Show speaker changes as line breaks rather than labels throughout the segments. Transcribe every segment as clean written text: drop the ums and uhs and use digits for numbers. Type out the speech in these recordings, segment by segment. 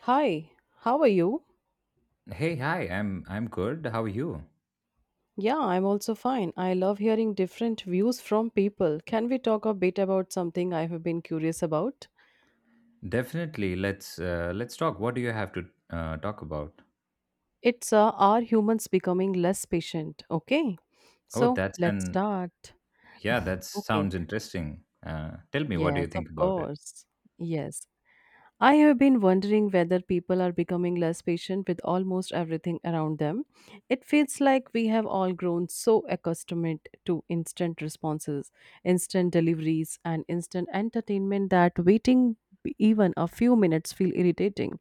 Hi, how are you?
Hey, hi. I'm good. How are you?
Yeah, I'm also fine. I love hearing different views from people. Can we talk a bit about something I have been curious about?
Definitely. Let's talk. What do you have to talk about?
It's are humans becoming less patient? Okay.
Oh,
So,
that's
let's
an
start.
Yeah, that
Okay.
sounds interesting. Tell me, what do
Yes,
you
of
think about it?
course. Yes. I have been wondering whether people are becoming less patient with almost everything around them. It feels like we have all grown so accustomed to instant responses, instant deliveries, and instant entertainment that waiting even a few minutes feel irritating.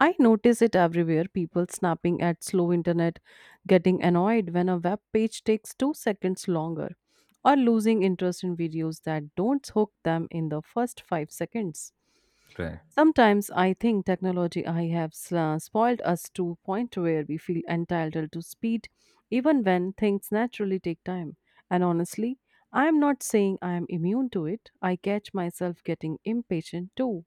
I notice it everywhere people snapping at slow internet, getting annoyed when a web page takes 2 seconds longer, or losing interest in videos that don't hook them in the first 5 seconds.
Right.
Sometimes I think technology I have spoiled us to a point where we feel entitled to speed even when things naturally take time. And honestly, I am not saying I am immune to it. I catch myself getting impatient too.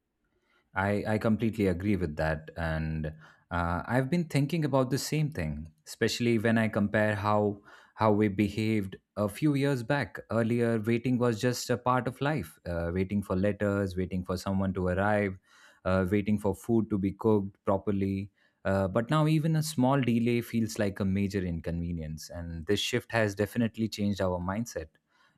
I completely agree with that. And I've been thinking about the same thing, especially when I compare how we behaved a few years back. Earlier, waiting was just a part of life. Waiting for letters, waiting for someone to arrive, waiting for food to be cooked properly. But now, even a small delay feels like a major inconvenience. And this shift has definitely changed our mindset.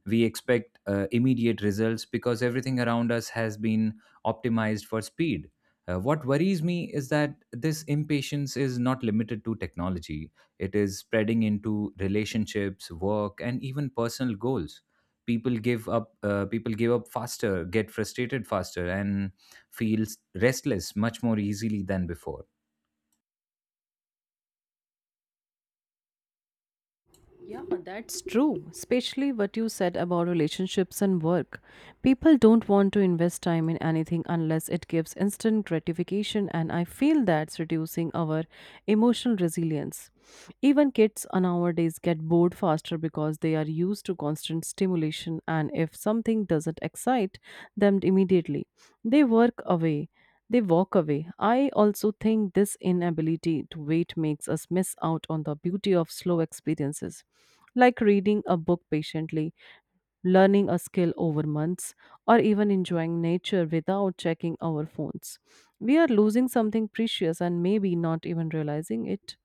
We expect immediate results because everything around us has been optimized for speed. What worries me is that this impatience is not limited to technology. It is spreading into relationships, work, and even personal goals. People give up. People give up faster, get frustrated faster, and feel restless much more easily than before.
Yeah, that's true. Especially what you said about relationships and work. People don't want to invest time in anything unless it gives instant gratification, and I feel that's reducing our emotional resilience. Even kids nowadays get bored faster because they are used to constant stimulation, and if something doesn't excite them immediately, they work away. They walk away. I also think this inability to wait makes us miss out on the beauty of slow experiences, like reading a book patiently, learning a skill over months, or even enjoying nature without checking our phones. We are losing something precious and maybe not even realizing it.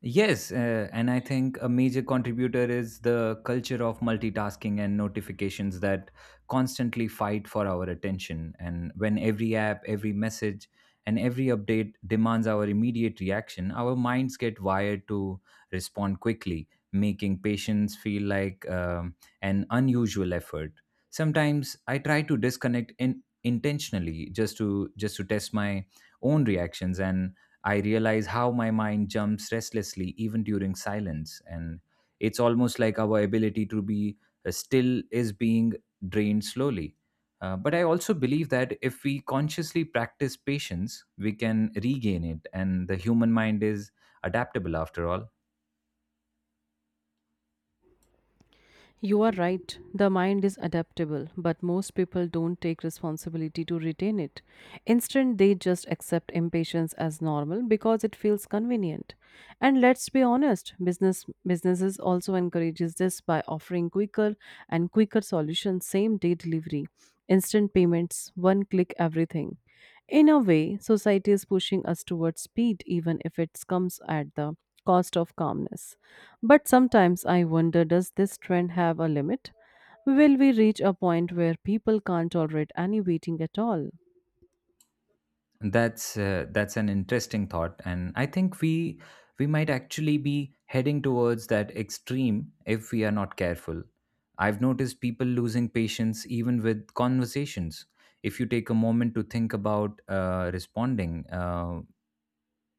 Yes, and I think a major contributor is the culture of multitasking and notifications that constantly fight for our attention. And when every app, every message, and every update demands our immediate reaction, our minds get wired to respond quickly, making patience feel like an unusual effort. Sometimes I try to disconnect in intentionally just to test my own reactions, and I realize how my mind jumps restlessly even during silence. And it's almost like our ability to be still is being drained slowly. But I also believe that if we consciously practice patience, we can regain it. And the human mind is adaptable after all.
You are right, the mind is adaptable, but most people don't take responsibility to retain it. Instead, they just accept impatience as normal because it feels convenient. And let's be honest, businesses also encourages this by offering quicker and quicker solutions, same day delivery, instant payments, one click everything. In a way, society is pushing us towards speed even if it comes at the cost of calmness. But sometimes I wonder, does this trend have a limit? Will we reach a point where people can't tolerate any waiting at all?
That's an interesting thought, and I think we might actually be heading towards that extreme if we are not careful. I've noticed people losing patience even with conversations. If you take a moment to think about responding,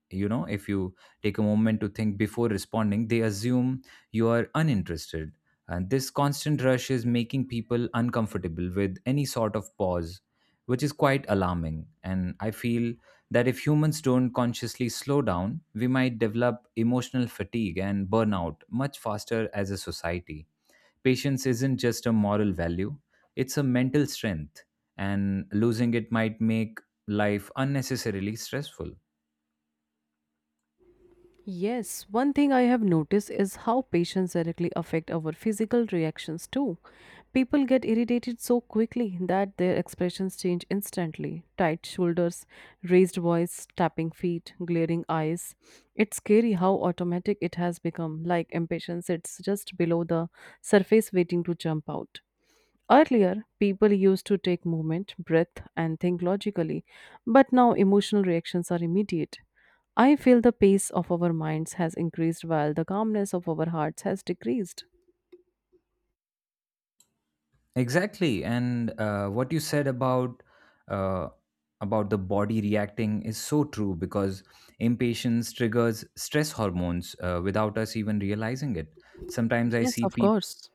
you know if you take a moment to think before responding, they assume you are uninterested, and this constant rush is making people uncomfortable with any sort of pause, which is quite alarming. And I feel that if humans don't consciously slow down, we might develop emotional fatigue and burnout much faster as a society. Patience isn't just a moral value, it's a mental strength, and losing it might make life unnecessarily stressful.
Yes, one thing I have noticed is how patients directly affect our physical reactions too. People get irritated so quickly that their expressions change instantly. Tight shoulders, raised voice, tapping feet, glaring eyes. It's scary how automatic it has become, like impatience, it's just below the surface waiting to jump out. Earlier, people used to take moment, breath, and think logically, but now emotional reactions are immediate. I feel the pace of our minds has increased while the calmness of our hearts has decreased.
Exactly. And what you said uh, about the body reacting is so true because impatience triggers stress hormones without us even realizing it. Sometimes I
Yes,
see
of
people.
course.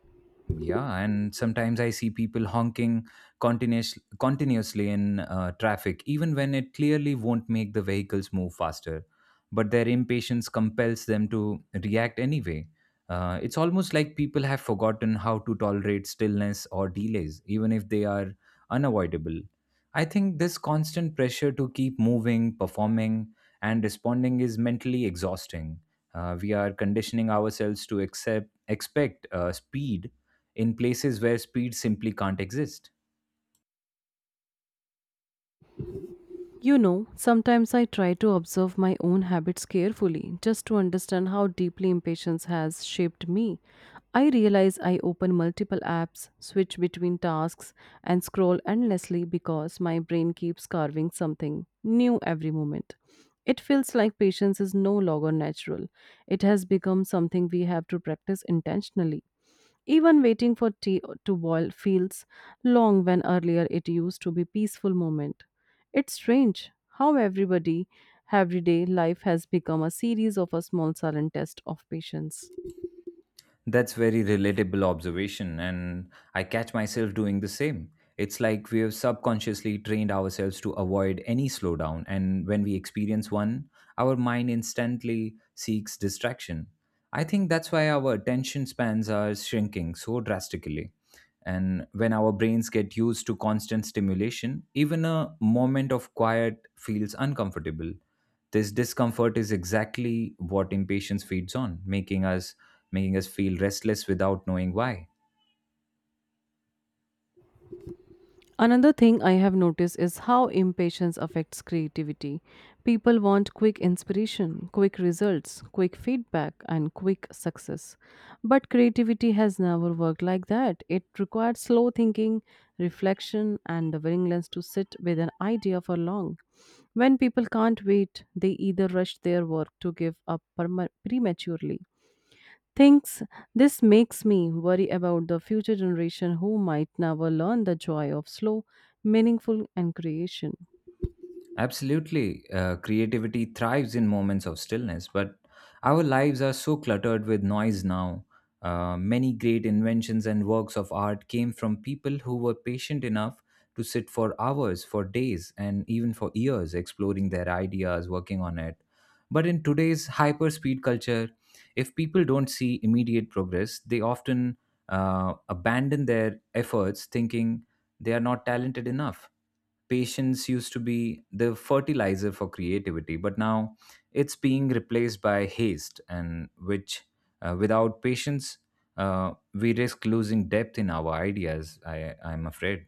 Yeah, and sometimes I see people honking continuously in traffic, even when it clearly won't make the vehicles move faster. But their impatience compels them to react anyway. It's almost like people have forgotten how to tolerate stillness or delays, even if they are unavoidable. I think this constant pressure to keep moving, performing, and responding is mentally exhausting. We are conditioning ourselves to accept, expect speed in places where speed simply can't exist.
You know, sometimes I try to observe my own habits carefully just to understand how deeply impatience has shaped me. I realize I open multiple apps, switch between tasks, and scroll endlessly because my brain keeps carving something new every moment. It feels like patience is no longer natural. It has become something we have to practice intentionally. Even waiting for tea to boil feels long when earlier it used to be peaceful moment. It's strange how everybody everyday life has become a series of a small silent test of patience.
That's very relatable observation, and I catch myself doing the same. It's like we have subconsciously trained ourselves to avoid any slowdown, and when we experience one, our mind instantly seeks distraction. I think that's why our attention spans are shrinking so drastically. And when our brains get used to constant stimulation, even a moment of quiet feels uncomfortable. This discomfort is exactly what impatience feeds on, making us feel restless without knowing why.
Another thing I have noticed is how impatience affects creativity. People want quick inspiration, quick results, quick feedback, and quick success. But creativity has never worked like that. It requires slow thinking, reflection, and the willingness to sit with an idea for long. When people can't wait, they either rush their work to give up prematurely. Thinks this makes me worry about the future generation who might never learn the joy of slow, meaningful and creation.
Absolutely. Creativity thrives in moments of stillness, but our lives are so cluttered with noise now. Many great inventions and works of art came from people who were patient enough to sit for hours, for days, and even for years exploring their ideas, working on it. But in today's hyper speed culture, if people don't see immediate progress, they often abandon their efforts thinking they are not talented enough. Patience used to be the fertilizer for creativity, but now it's being replaced by haste. And which without patience, we risk losing depth in our ideas, I'm afraid.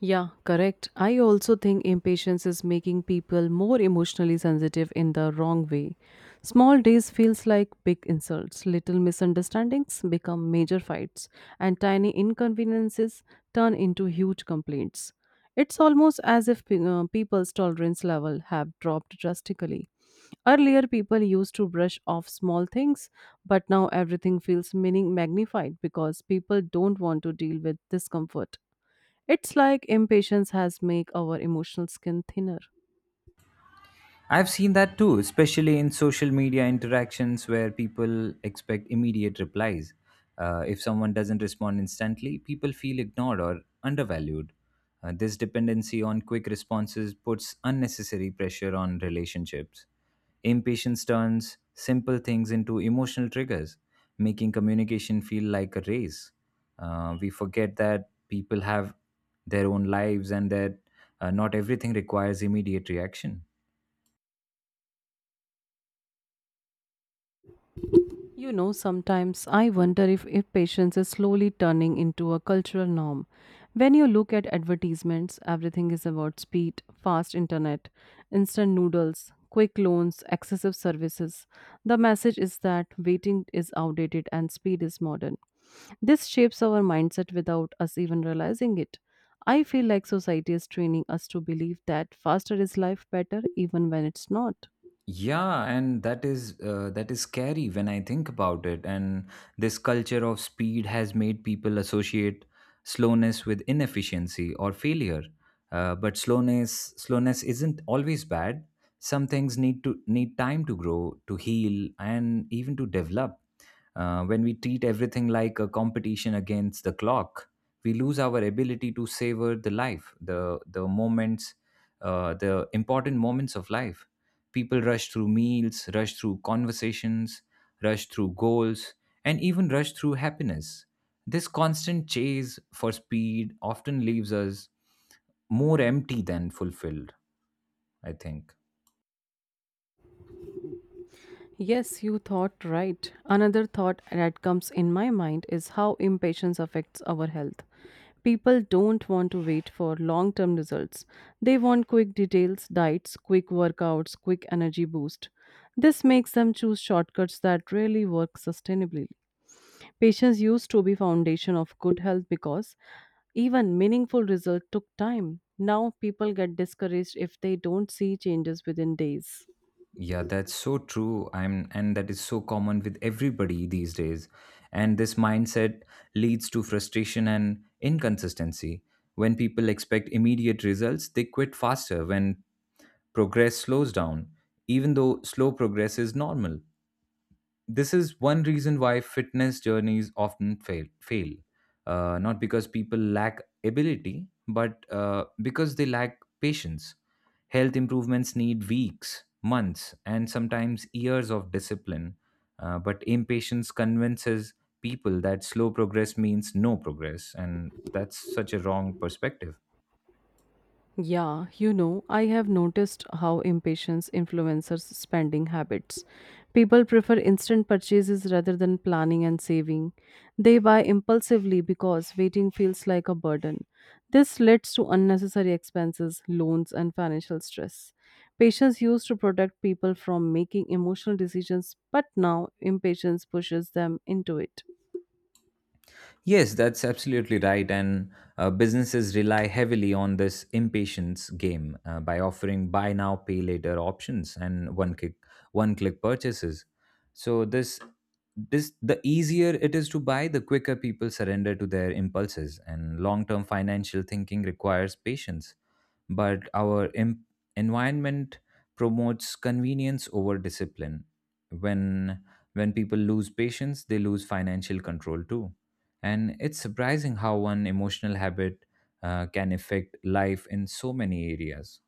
Yeah, correct. I also think impatience is making people more emotionally sensitive in the wrong way. Small days feels like big insults, little misunderstandings become major fights, and tiny inconveniences turn into huge complaints. It's almost as if people's tolerance level have dropped drastically. Earlier people used to brush off small things, but now everything feels meaning magnified because people don't want to deal with discomfort. It's like impatience has make our emotional skin thinner.
I've seen that too, especially in social media interactions where people expect immediate replies. If someone doesn't respond instantly, people feel ignored or undervalued. This dependency on quick responses puts unnecessary pressure on relationships. Impatience turns simple things into emotional triggers, making communication feel like a race. We forget that people have their own lives and that not everything requires immediate reaction.
You know, sometimes I wonder if impatience is slowly turning into a cultural norm. When you look at advertisements, everything is about speed, fast internet, instant noodles, quick loans, excessive services. The message is that waiting is outdated and speed is modern. This shapes our mindset without us even realizing it. I feel like society is training us to believe that faster is life better even when it's not.
Yeah, and that is scary when I think about it. And this culture of speed has made people associate slowness with inefficiency or failure. But slowness isn't always bad. Some things need time to grow, to heal, and even to develop. When we treat everything like a competition against the clock, we lose our ability to savor the life, the moments, the important moments of life. People rush through meals, rush through conversations, rush through goals, and even rush through happiness. This constant chase for speed often leaves us more empty than fulfilled, I think.
Yes, you thought right. Another thought that comes in my mind is how impatience affects our health. People don't want to wait for long term results. They want quick details, diets, quick workouts, quick energy boost. This makes them choose shortcuts that rarely work sustainably. Patience used to be foundation of good health because even meaningful results took time. Now people get discouraged if they don't see changes within days.
Yeah, that's so true. I'm, and that is so common with everybody these days. And this mindset leads to frustration and inconsistency. When people expect immediate results, they quit faster when progress slows down, even though slow progress is normal. This is one reason why fitness journeys often fail. Not because people lack ability, but because they lack patience. Health improvements need weeks, months, and sometimes years of discipline. But impatience convinces people that slow progress means no progress, and that's such a wrong perspective.
Yeah, you know, I have noticed how impatience influences spending habits. People prefer instant purchases rather than planning and saving. They buy impulsively because waiting feels like a burden. This leads to unnecessary expenses, loans, and financial stress. Patience used to protect people from making emotional decisions, but now impatience pushes them into it.
Yes, that's absolutely right. And businesses rely heavily on this impatience game by offering buy now, pay later options and one click purchases. So this, the easier it is to buy, the quicker people surrender to their impulses. And long term financial thinking requires patience, but our environment promotes convenience over discipline. When when people lose patience, they lose financial control too. And it's surprising how one emotional habit can affect life in so many areas.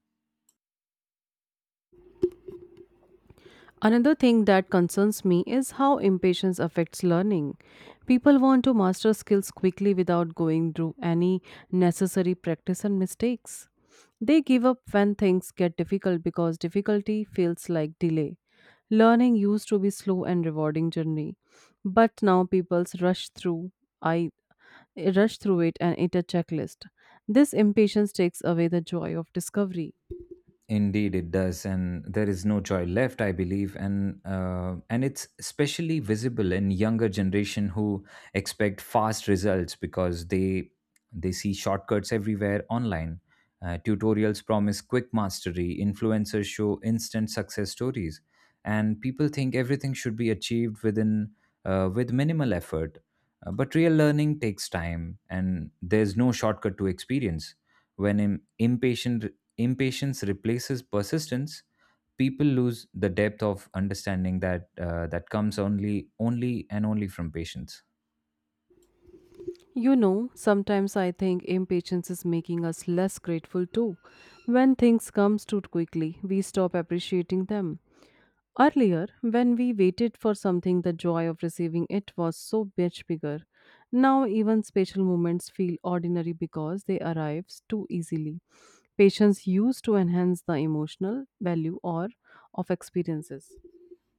Another thing that concerns me is how impatience affects learning. People want to master skills quickly without going through any necessary practice and mistakes. They give up when things get difficult because difficulty feels like delay. Learning used to be slow and rewarding journey, but now people rush through I rush through it and it a checklist. This impatience takes away the joy of discovery.
Indeed, it does, and there is no joy left, I believe. And and it's especially visible in younger generation who expect fast results because they see shortcuts everywhere online. Tutorials promise quick mastery, influencers show instant success stories, and people think everything should be achieved within with minimal effort. But real learning takes time, and there's no shortcut to experience. When im- impatient impatience replaces persistence, people lose the depth of understanding that that comes only, only and only from patience.
You know, sometimes I think impatience is making us less grateful too. When things come too quickly, we stop appreciating them. Earlier, when we waited for something, the joy of receiving it was so much bigger. Now, even special moments feel ordinary because they arrive too easily. Patience used to enhance the emotional value or of experiences.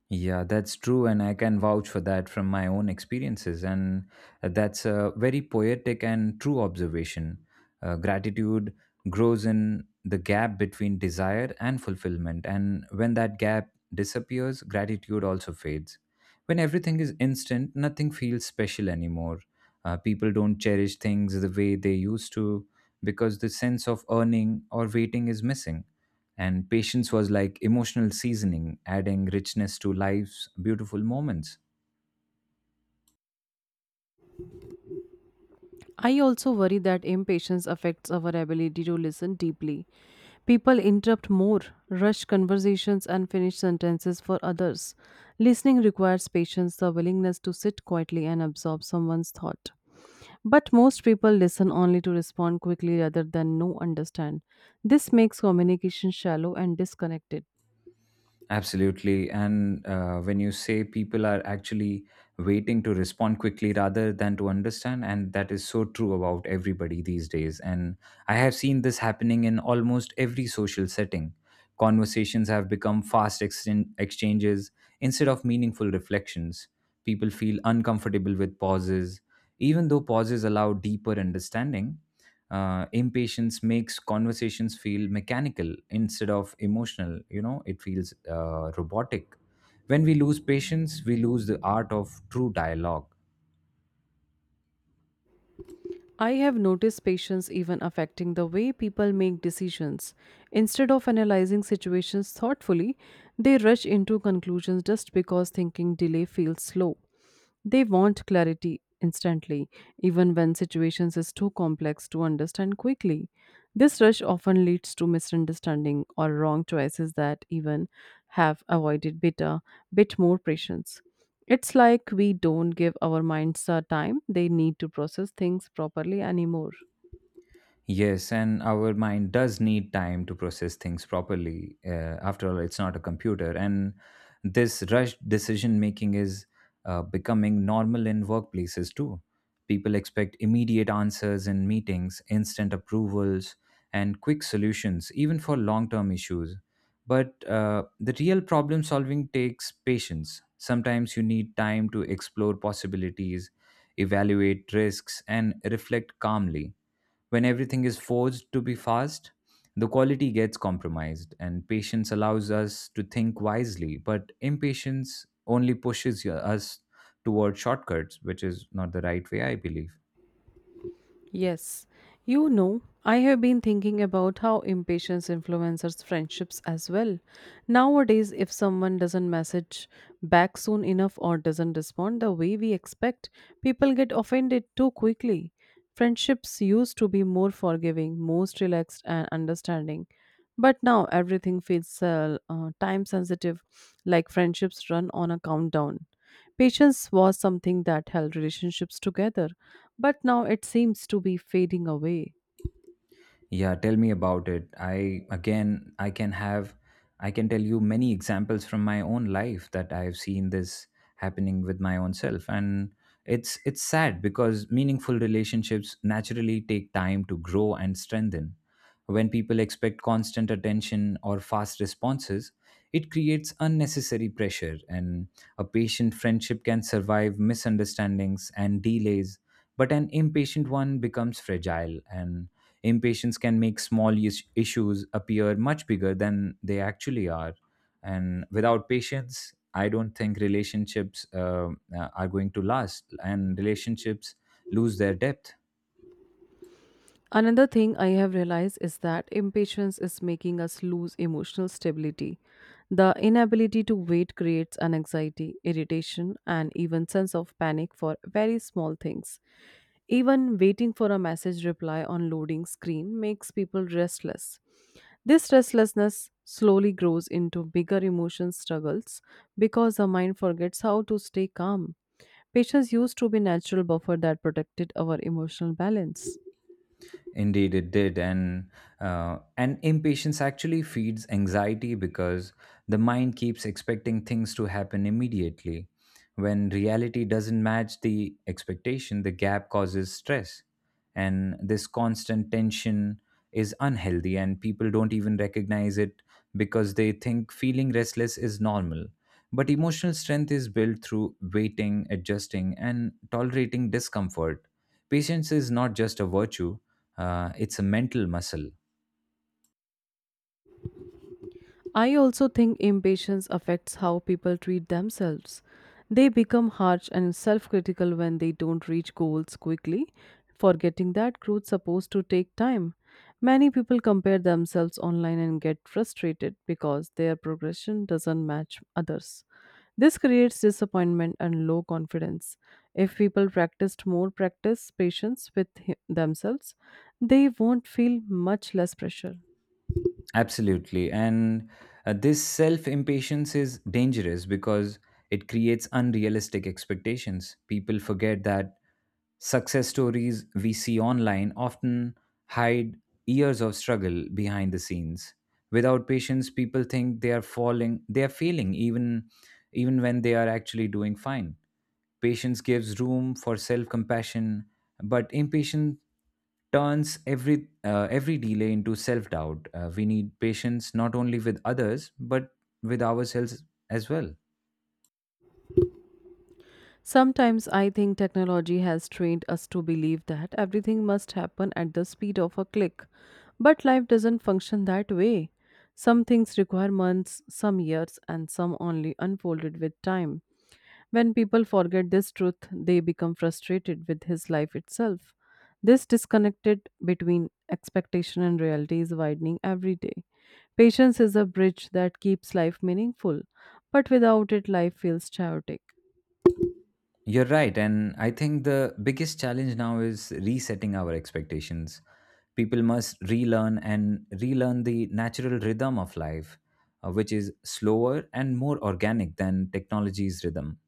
Yeah, that's true, and I can vouch for that from my own experiences. And that's a very poetic and true observation. Gratitude grows in the gap between desire and fulfillment, and when that gap disappears, gratitude also fades. When everything is instant, nothing feels special anymore. People don't cherish things the way they used to because the sense of earning or waiting is missing, and patience was like emotional seasoning, adding richness to life's beautiful moments.
I also worry that impatience affects our ability to listen deeply. People interrupt more, rush conversations, and finish sentences for others. Listening requires patience, the willingness to sit quietly and absorb someone's thought. But most people listen only to respond quickly rather than no understand. This makes communication shallow and disconnected.
Absolutely. And when you say people are actually waiting to respond quickly rather than to understand, and that is so true about everybody these days. And I have seen this happening in almost every social setting. Conversations have become fast exchanges instead of meaningful reflections. People feel uncomfortable with pauses, even though pauses allow deeper understanding. Impatience makes conversations feel mechanical instead of emotional, you know, it feels robotic. When we lose patience, we lose the art of true dialogue.
I have noticed patience even affecting the way people make decisions. Instead of analyzing situations thoughtfully, they rush into conclusions just because thinking delay feels slow. They want clarity instantly, even when situations is too complex to understand quickly. This rush often leads to misunderstanding or wrong choices that even have avoided better, bit more patience. It's like we don't give our minds the time they need to process things properly anymore.
Yes, and our mind does need time to process things properly. After all, it's not a computer. And this rushed decision making is becoming normal in workplaces too. People expect immediate answers in meetings, instant approvals, and quick solutions, even for long term issues. But the real problem solving takes patience. Sometimes you need time to explore possibilities, evaluate risks, and reflect calmly. When everything is forced to be fast, the quality gets compromised, and patience allows us to think wisely, but impatience only pushes us toward shortcuts, which is not the right way, I believe.
Yes. You know, I have been thinking about how impatience influences friendships as well. Nowadays, if someone doesn't message back soon enough or doesn't respond the way we expect, people get offended too quickly. Friendships used to be more forgiving, most relaxed, and understanding. But now everything feels time sensitive, like friendships run on a countdown. Patience was something that held relationships together, but now it seems to be fading away.
Yeah, tell me about it. I again, I can have, I can tell you many examples from my own life that I've seen this happening with my own self. And it's sad because meaningful relationships naturally take time to grow and strengthen. When people expect constant attention or fast responses, it creates unnecessary pressure, and a patient friendship can survive misunderstandings and delays, but an impatient one becomes fragile. And impatience can make small issues appear much bigger than they actually are. And without patience, I don't think relationships are going to last, and relationships lose their depth.
Another thing I have realized is that impatience is making us lose emotional stability. The inability to wait creates an anxiety, irritation, and even sense of panic for very small things. Even waiting for a message reply on loading screen makes people restless. This restlessness slowly grows into bigger emotion struggles because the mind forgets how to stay calm. Patience used to be natural buffer that protected our emotional balance.
Indeed, it did. And and impatience actually feeds anxiety because the mind keeps expecting things to happen immediately. When reality doesn't match the expectation, the gap causes stress, and this constant tension is unhealthy. And people don't even recognize it because they think feeling restless is normal. But emotional strength is built through waiting, adjusting, and tolerating discomfort. Patience is not just a virtue, it's a mental muscle.
I also think impatience affects how people treat themselves. They become harsh and self critical when they don't reach goals quickly, forgetting that growth supposed to take time. Many people compare themselves online and get frustrated because their progression doesn't match others. This creates disappointment and low confidence. If people practiced more practice patience with themselves, they won't feel much less pressure.
Absolutely. And this self impatience is dangerous because it creates unrealistic expectations. People forget that success stories we see online often hide years of struggle behind the scenes. Without patience, people think they are failing, even when they are actually doing fine. Patience gives room for self compassion, but impatience turns every delay into self doubt. We need patience not only with others, but with ourselves as well.
Sometimes I think technology has trained us to believe that everything must happen at the speed of a click. But life doesn't function that way. Some things require months, some years, and some only unfolded with time. When people forget this truth, they become frustrated with his life itself. This disconnected between expectation and reality is widening every day. Patience is a bridge that keeps life meaningful, but without it, life feels chaotic.
You're right. And I think the biggest challenge now is resetting our expectations. People must relearn the natural rhythm of life, which is slower and more organic than technology's rhythm.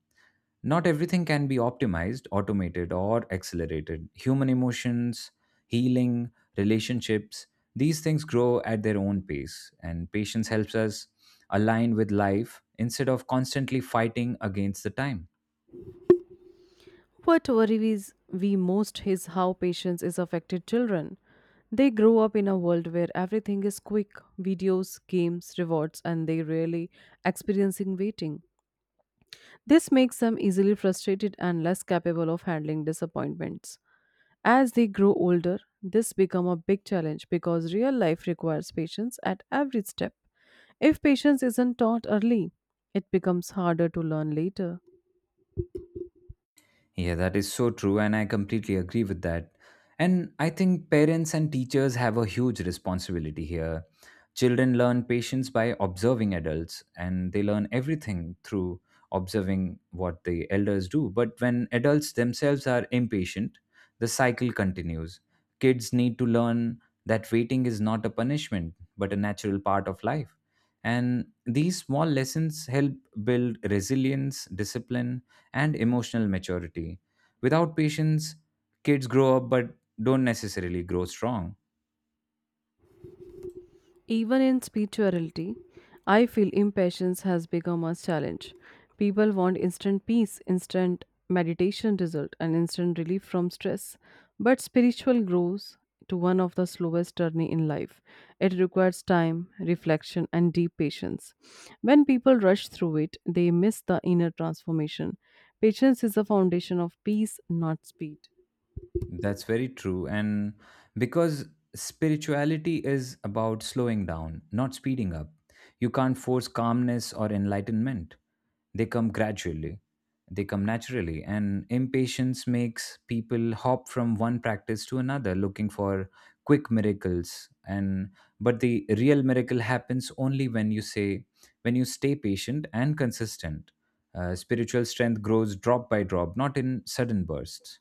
Not everything can be optimized, automated, or accelerated. Human emotions, healing, relationships, these things grow at their own pace. And patience helps us align with life instead of constantly fighting against the time.
What worries we most is how patience is affected children. They grow up in a world where everything is quick, videos, games, rewards, and they rarely experiencing waiting. This makes them easily frustrated and less capable of handling disappointments. As they grow older, this become a big challenge because real life requires patience at every step. If patience isn't taught early, it becomes harder to learn later.
Yeah, that is so true, and I completely agree with that. And I think parents and teachers have a huge responsibility here. Children learn patience by observing adults, and they learn everything through observing what the elders do. But when adults themselves are impatient, the cycle continues. Kids need to learn that waiting is not a punishment, but a natural part of life. And these small lessons help build resilience, discipline, and emotional maturity. Without patience, kids grow up but don't necessarily grow strong.
Even in spirituality, I feel impatience has become a challenge. People want instant peace, instant meditation result, and instant relief from stress. But spiritual grows to one of the slowest journey in life. It requires time, reflection, and deep patience. When people rush through it, they miss the inner transformation. Patience is the foundation of peace, not speed.
That's very true. And because spirituality is about slowing down, not speeding up, you can't force calmness or enlightenment. They come gradually, they come naturally. And impatience makes people hop from one practice to another looking for quick miracles, and but the real miracle happens only when you stay patient and consistent. Spiritual strength grows drop by drop, not in sudden bursts.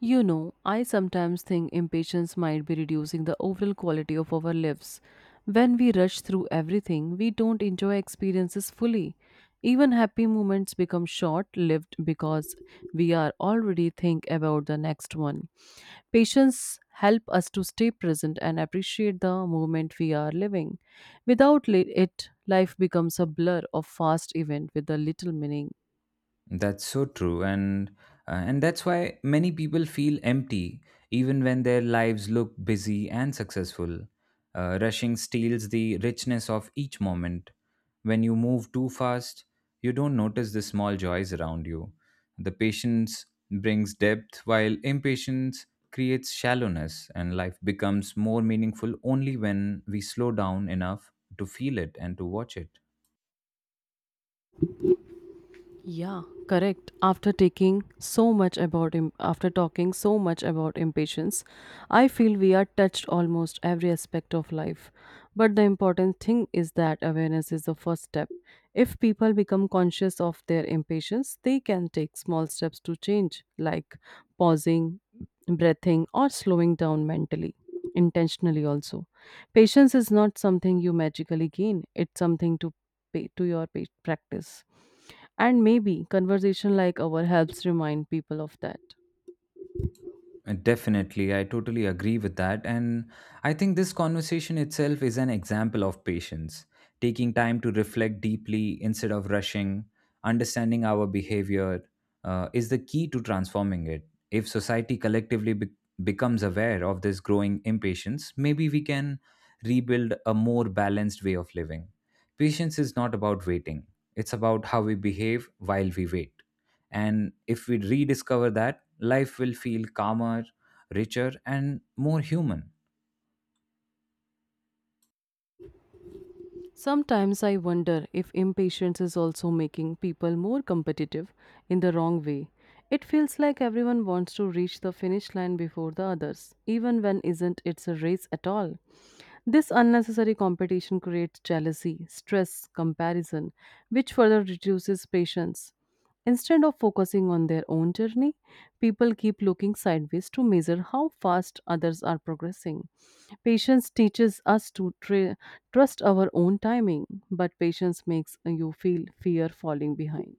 You know, I sometimes think impatience might be reducing the overall quality of our lives. When we rush through everything, we don't enjoy experiences fully. Even happy moments become short lived because we are already think about the next one. Patience help us to stay present and appreciate the moment we are living. Without it, life becomes a blur of fast event with a little meaning.
That's so true, and that's why many people feel empty even when their lives look busy and successful. Rushing steals the richness of each moment. When you move too fast, you don't notice the small joys around you. The patience brings depth, while impatience creates shallowness, and life becomes more meaningful only when we slow down enough to feel it and to watch it.
Yeah, correct. After taking so much about im- after talking so much about impatience, I feel we are touched almost every aspect of life. But the important thing is that awareness is the first step. If people become conscious of their impatience, they can take small steps to change, like pausing, breathing, or slowing down mentally, intentionally also. Patience is not something you magically gain, it's something to pay to your pa- practice. And maybe conversation like our helps remind people of that.
Definitely, I totally agree with that. And I think this conversation itself is an example of patience, taking time to reflect deeply instead of rushing. Understanding our behavior is the key to transforming it. If society collectively becomes aware of this growing impatience, maybe we can rebuild a more balanced way of living. Patience is not about waiting, it's about how we behave while we wait. And if we rediscover that, life will feel calmer, richer, and more human.
Sometimes I wonder if impatience is also making people more competitive in the wrong way. It feels like everyone wants to reach the finish line before the others, even when isn't it's a race at all. This unnecessary competition creates jealousy, stress, comparison, which further reduces patience. Instead of focusing on their own journey, people keep looking sideways to measure how fast others are progressing. Patience teaches us to trust our own timing, but patience makes you feel fear falling behind.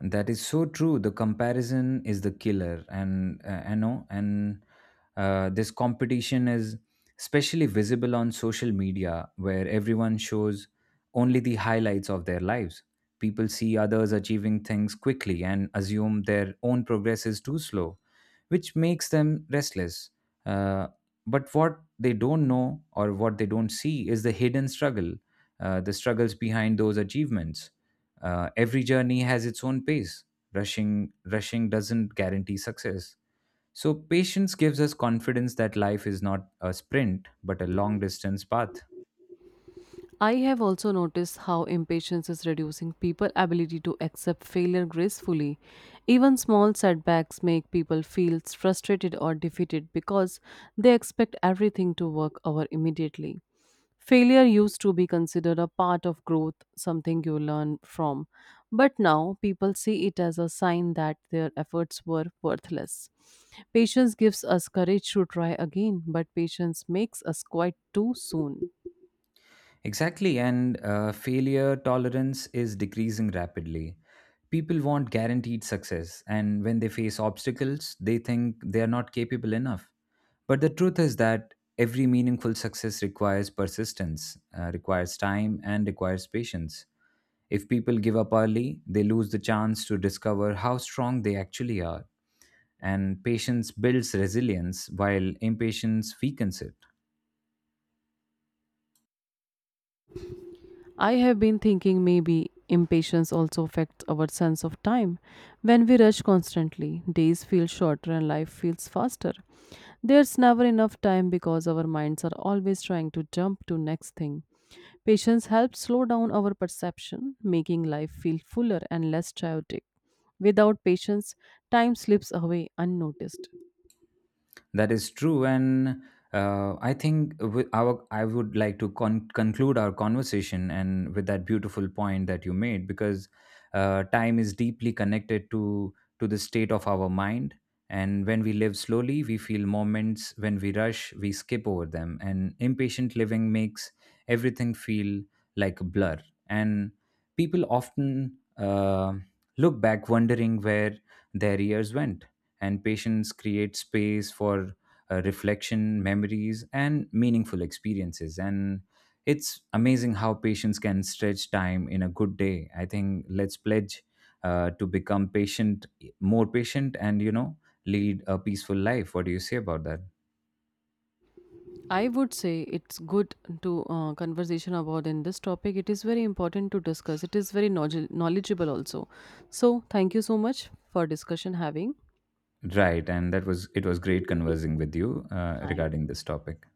That is so true. The comparison is the killer, and I know, and this competition is especially visible on social media, where everyone shows only the highlights of their lives. People see others achieving things quickly and assume their own progress is too slow, which makes them restless. Uh, but what they don't know or what they don't see is the hidden struggle, the struggles behind those achievements. Every journey has its own pace. Rushing doesn't guarantee success. So, patience gives us confidence that life is not a sprint, but a long distance path.
I have also noticed how impatience is reducing people's ability to accept failure gracefully. Even small setbacks make people feel frustrated or defeated because they expect everything to work out immediately. Failure used to be considered a part of growth, something you learn from, but now people see it as a sign that their efforts were worthless. Patience gives us courage to try again, but patience makes us quite too soon.
Exactly, and failure tolerance is decreasing rapidly. People want guaranteed success, and when they face obstacles, they think they are not capable enough. But the truth is that every meaningful success requires persistence, requires time, and requires patience. If people give up early, they lose the chance to discover how strong they actually are. And patience builds resilience, while impatience weakens it.
I have been thinking maybe impatience also affects our sense of time. When we rush constantly, days feel shorter and life feels faster. There's never enough time because our minds are always trying to jump to next thing. Patience helps slow down our perception, making life feel fuller and less chaotic. Without patience, time slips away unnoticed.
That is true, and I think with our I would like to conclude our conversation and with that beautiful point that you made, because time is deeply connected to the state of our mind, and when we live slowly, we feel moments. When we rush, we skip over them, and impatient living makes everything feel like a blur. And people often look back, wondering where their years went. And patience creates space for reflection, memories, and meaningful experiences. And it's amazing how patience can stretch time in a good day. I think let's pledge, to become patient, more patient, and you know, lead a peaceful life. What do you say about that?
I would say it's good to conversation about in this topic. It is very important to discuss. It is very knowledgeable also. So thank you so much for discussion having.
Right, and that was it was great conversing with you
I
regarding this topic.